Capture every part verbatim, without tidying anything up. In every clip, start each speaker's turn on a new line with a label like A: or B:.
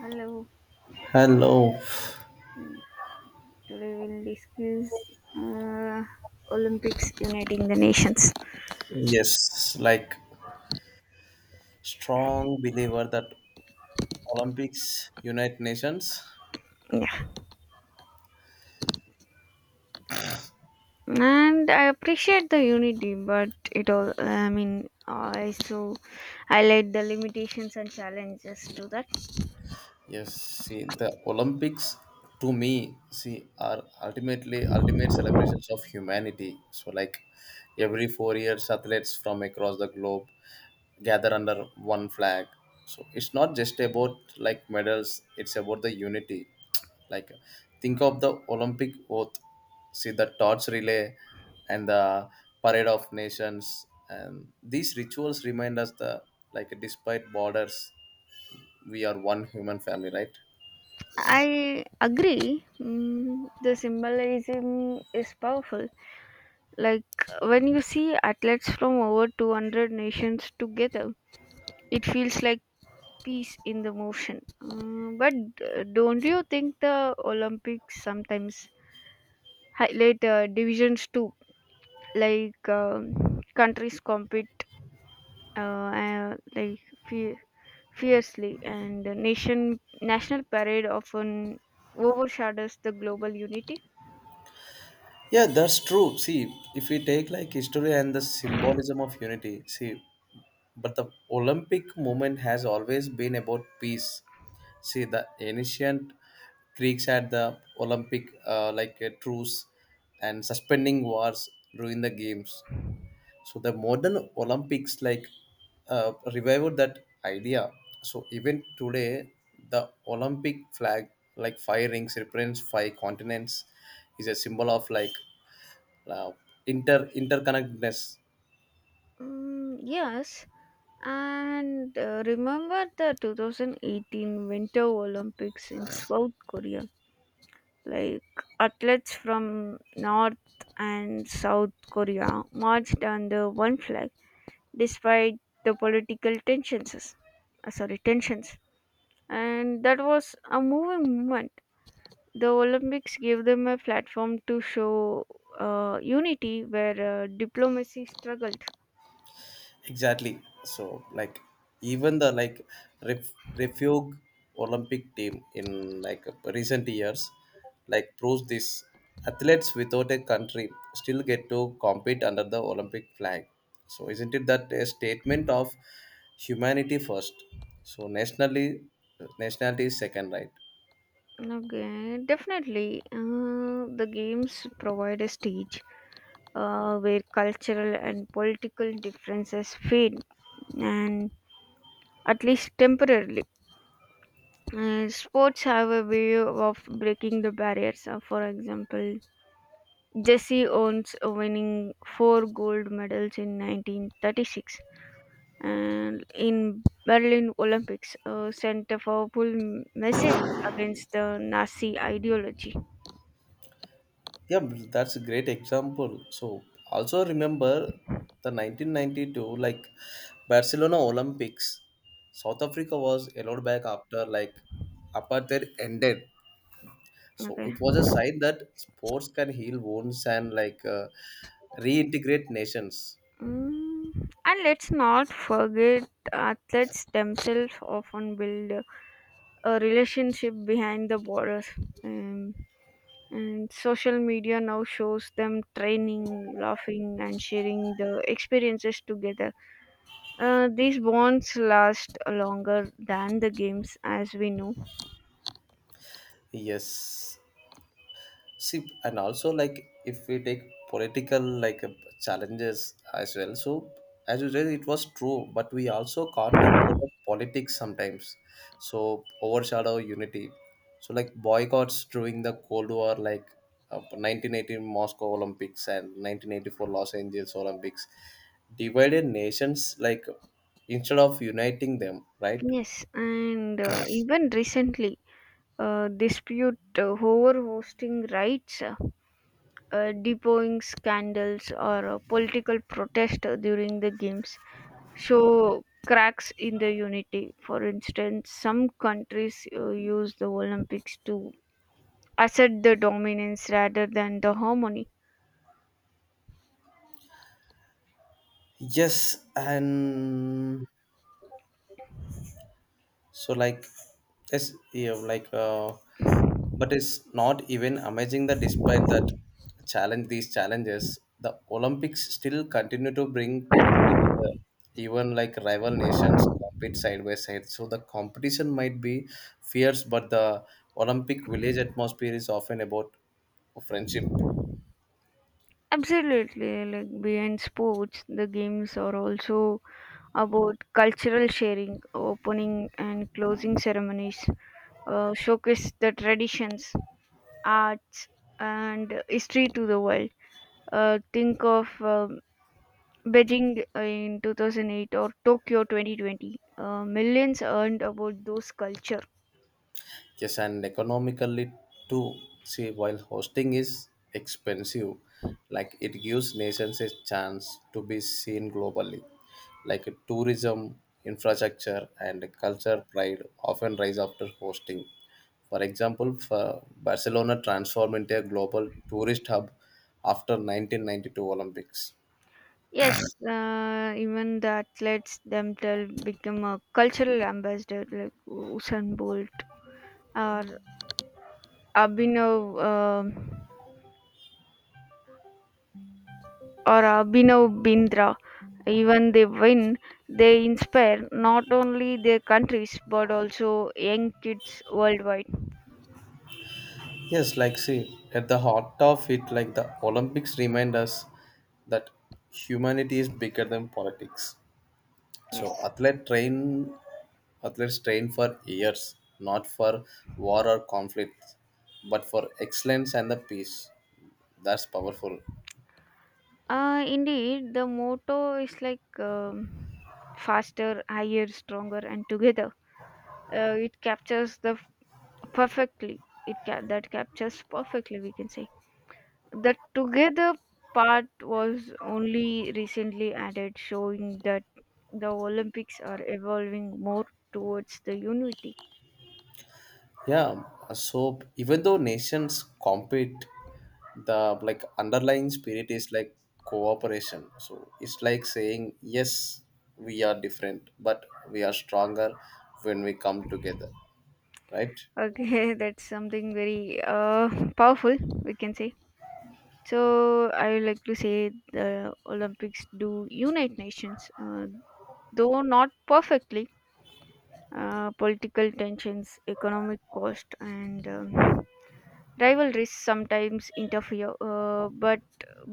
A: Hello.
B: Hello.
A: Today we'll discuss uh, Olympics uniting the nations.
B: Yes, like strong believer that Olympics unite nations.
A: Yeah, and I appreciate the unity, but it all. I mean, I also highlight the limitations and challenges to that.
B: Yes, see, the Olympics to me, see, are ultimately ultimate celebrations of humanity. So, like every four years, athletes from across the globe gather under one flag. So, it's not just about like medals, it's about the unity. Like, think of the Olympic oath, see, the torch relay and the parade of nations. And these rituals remind us the like, despite borders, we are one human family, right?
A: I agree. Mm, the symbolism is powerful. Like when you see athletes from over two hundred nations together, it feels like peace in the motion. Uh, but uh, don't you think the Olympics sometimes highlight uh, divisions too? Like um countries compete uh, uh, like fe- fiercely, and the nation national parade often overshadows the global unity.
B: Yeah, that's true. See, if we take like history and the symbolism of unity, see, but the Olympic movement has always been about peace. See, the ancient Greeks had the Olympic uh, like a truce and suspending wars during the games. So the modern Olympics like uh, revived that idea. So even today, the Olympic flag, like five rings, represents five continents, is a symbol of like uh, inter interconnectedness
A: Mm, yes, and uh, remember the two thousand eighteen Winter Olympics in South Korea, like athletes from North and South Korea marched under one flag despite the political tensions. uh, sorry, tensions. And that was a moving moment. The Olympics gave them a platform to show uh, unity where uh, diplomacy struggled.
B: Exactly. So like even the like ref, refuge Olympic team in like recent years like proves this. Athletes without a country still get to compete under the Olympic flag. So isn't it that a statement of humanity first, so nationally nationality is second, right?
A: Okay, definitely. Uh, the games provide a stage uh, where cultural and political differences fade and at least temporarily. Uh, sports have a way of breaking the barriers. Uh, for example, Jesse Owens winning four gold medals in nineteen thirty-six and in Berlin Olympics uh, sent a powerful message against the Nazi ideology.
B: Yeah, b- that's a great example. So also remember the nineteen ninety-two like Barcelona Olympics. South Africa was allowed back after like apartheid ended. So
A: Okay.
B: it was a sign that sports can heal wounds and like uh, reintegrate nations.
A: Mm. And let's not forget athletes themselves often build a relationship behind the borders. Um, And social media now shows them training, laughing, and sharing the experiences together. Uh, these bonds last longer than the games, as we know.
B: Yes. See, and also like if we take political like uh, challenges as well. So as you said, it was true, but we also can't ignore the politics sometimes. So overshadow unity. So like boycotts during the Cold War, like uh, nineteen eighty Moscow Olympics and nineteen eighty-four Los Angeles Olympics, divided nations like instead of uniting them, right?
A: Yes, and uh, even recently, uh, dispute uh, over hosting rights, uh, uh, depoing scandals, or uh, political protest uh, during the games show cracks in the unity. For instance, some countries uh, use the Olympics to assert the dominance rather than the harmony.
B: Yes, and so like it's, yeah, like uh, but it's not even amazing that despite that challenge these challenges, the Olympics still continue to bring people together. Even like rival nations compete side by side. So the competition might be fierce, but the Olympic village atmosphere is often about friendship.
A: Absolutely, like beyond sports, the games are also about cultural sharing, opening and closing ceremonies, uh, showcase the traditions, arts, and history to the world. Uh, think of um Beijing in two thousand eight or Tokyo twenty twenty. Uh, millions earned about those culture.
B: Yes, and economically too. See, while hosting is expensive, like it gives nations a chance to be seen globally. Like tourism, infrastructure, and culture pride often rise after hosting. For example, for Barcelona transformed into a global tourist hub after nineteen ninety-two Olympics.
A: Yes, uh, even the athletes themselves become a cultural ambassador like Usain Bolt or Mm. Abhinav um or Abhinav Bindra. Even they win, they inspire not only their countries but also young kids worldwide.
B: Yes, like see, at the heart of it, like the Olympics remind us that humanity is bigger than politics. So
A: Yes,
B: athlete train athletes train for years, not for war or conflict, but for excellence and the peace. That's powerful.
A: uh, indeed, the motto is like um, faster, higher, stronger, and together. Uh, it captures the perfectly. It ca- That captures perfectly, we can say. The together part was only recently added, showing that the Olympics are evolving more towards the unity.
B: Yeah. So even though nations compete, the like underlying spirit is like cooperation. So it's like saying yes, we are different, but we are stronger when we come together, right?
A: Okay, that's something very uh, powerful, we can say. So, I would like to say the Olympics do unite nations, uh, though not perfectly. Uh, political tensions, economic cost, and um, rivalries sometimes interfere, uh, but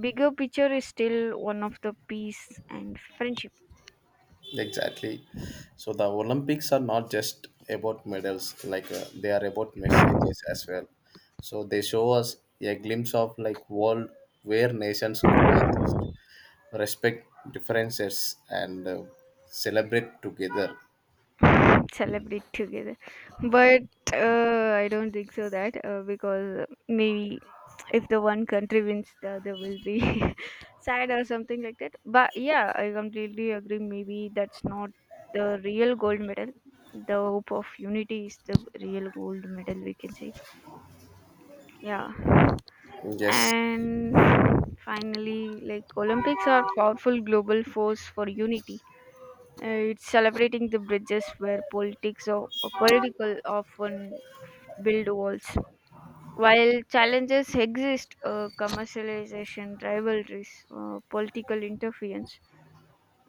A: bigger picture is still one of the peace and friendship.
B: Exactly. So the Olympics are not just about medals, like uh, they are about messages as well. So they show us a glimpse of like world where nations coexist, respect differences, and uh, celebrate together.
A: Celebrate together. But uh, I don't think so that uh, because maybe if the one country wins, the other will be sad or something like that. But yeah, I completely agree. Maybe that's not the real gold medal. The hope of unity is the real gold medal, we can say. Yeah.
B: Yes,
A: And finally, like, Olympics are powerful global force for unity. Uh, it's celebrating the bridges where politics or, or political often build walls. While challenges exist, uh, commercialization, rivalries, uh, political interference,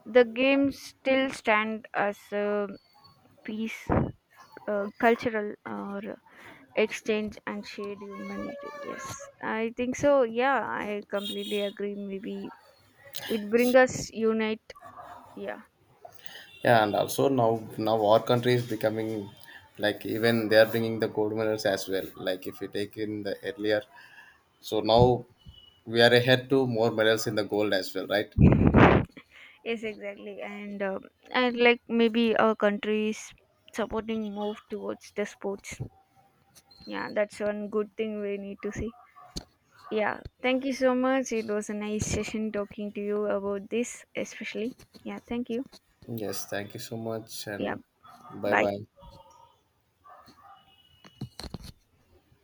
A: the games still stand as a peace, uh, cultural or exchange and shared humanity. Yes, I think so. Yeah, I completely agree. Maybe it brings us unite. Yeah.
B: yeah, and also now now our country is becoming like even they are bringing the gold medals as well. Like if you take in the earlier, so now we are ahead to more medals in the gold as well, right?
A: Yes, exactly. And um and like maybe our countries supporting move towards the sports. Yeah, that's one good thing we need to see. Yeah, thank you so much, it was a nice session talking to you about this especially. Yeah, thank you.
B: Yes, thank you so much
A: Yeah,
B: and bye
A: bye.
B: bye.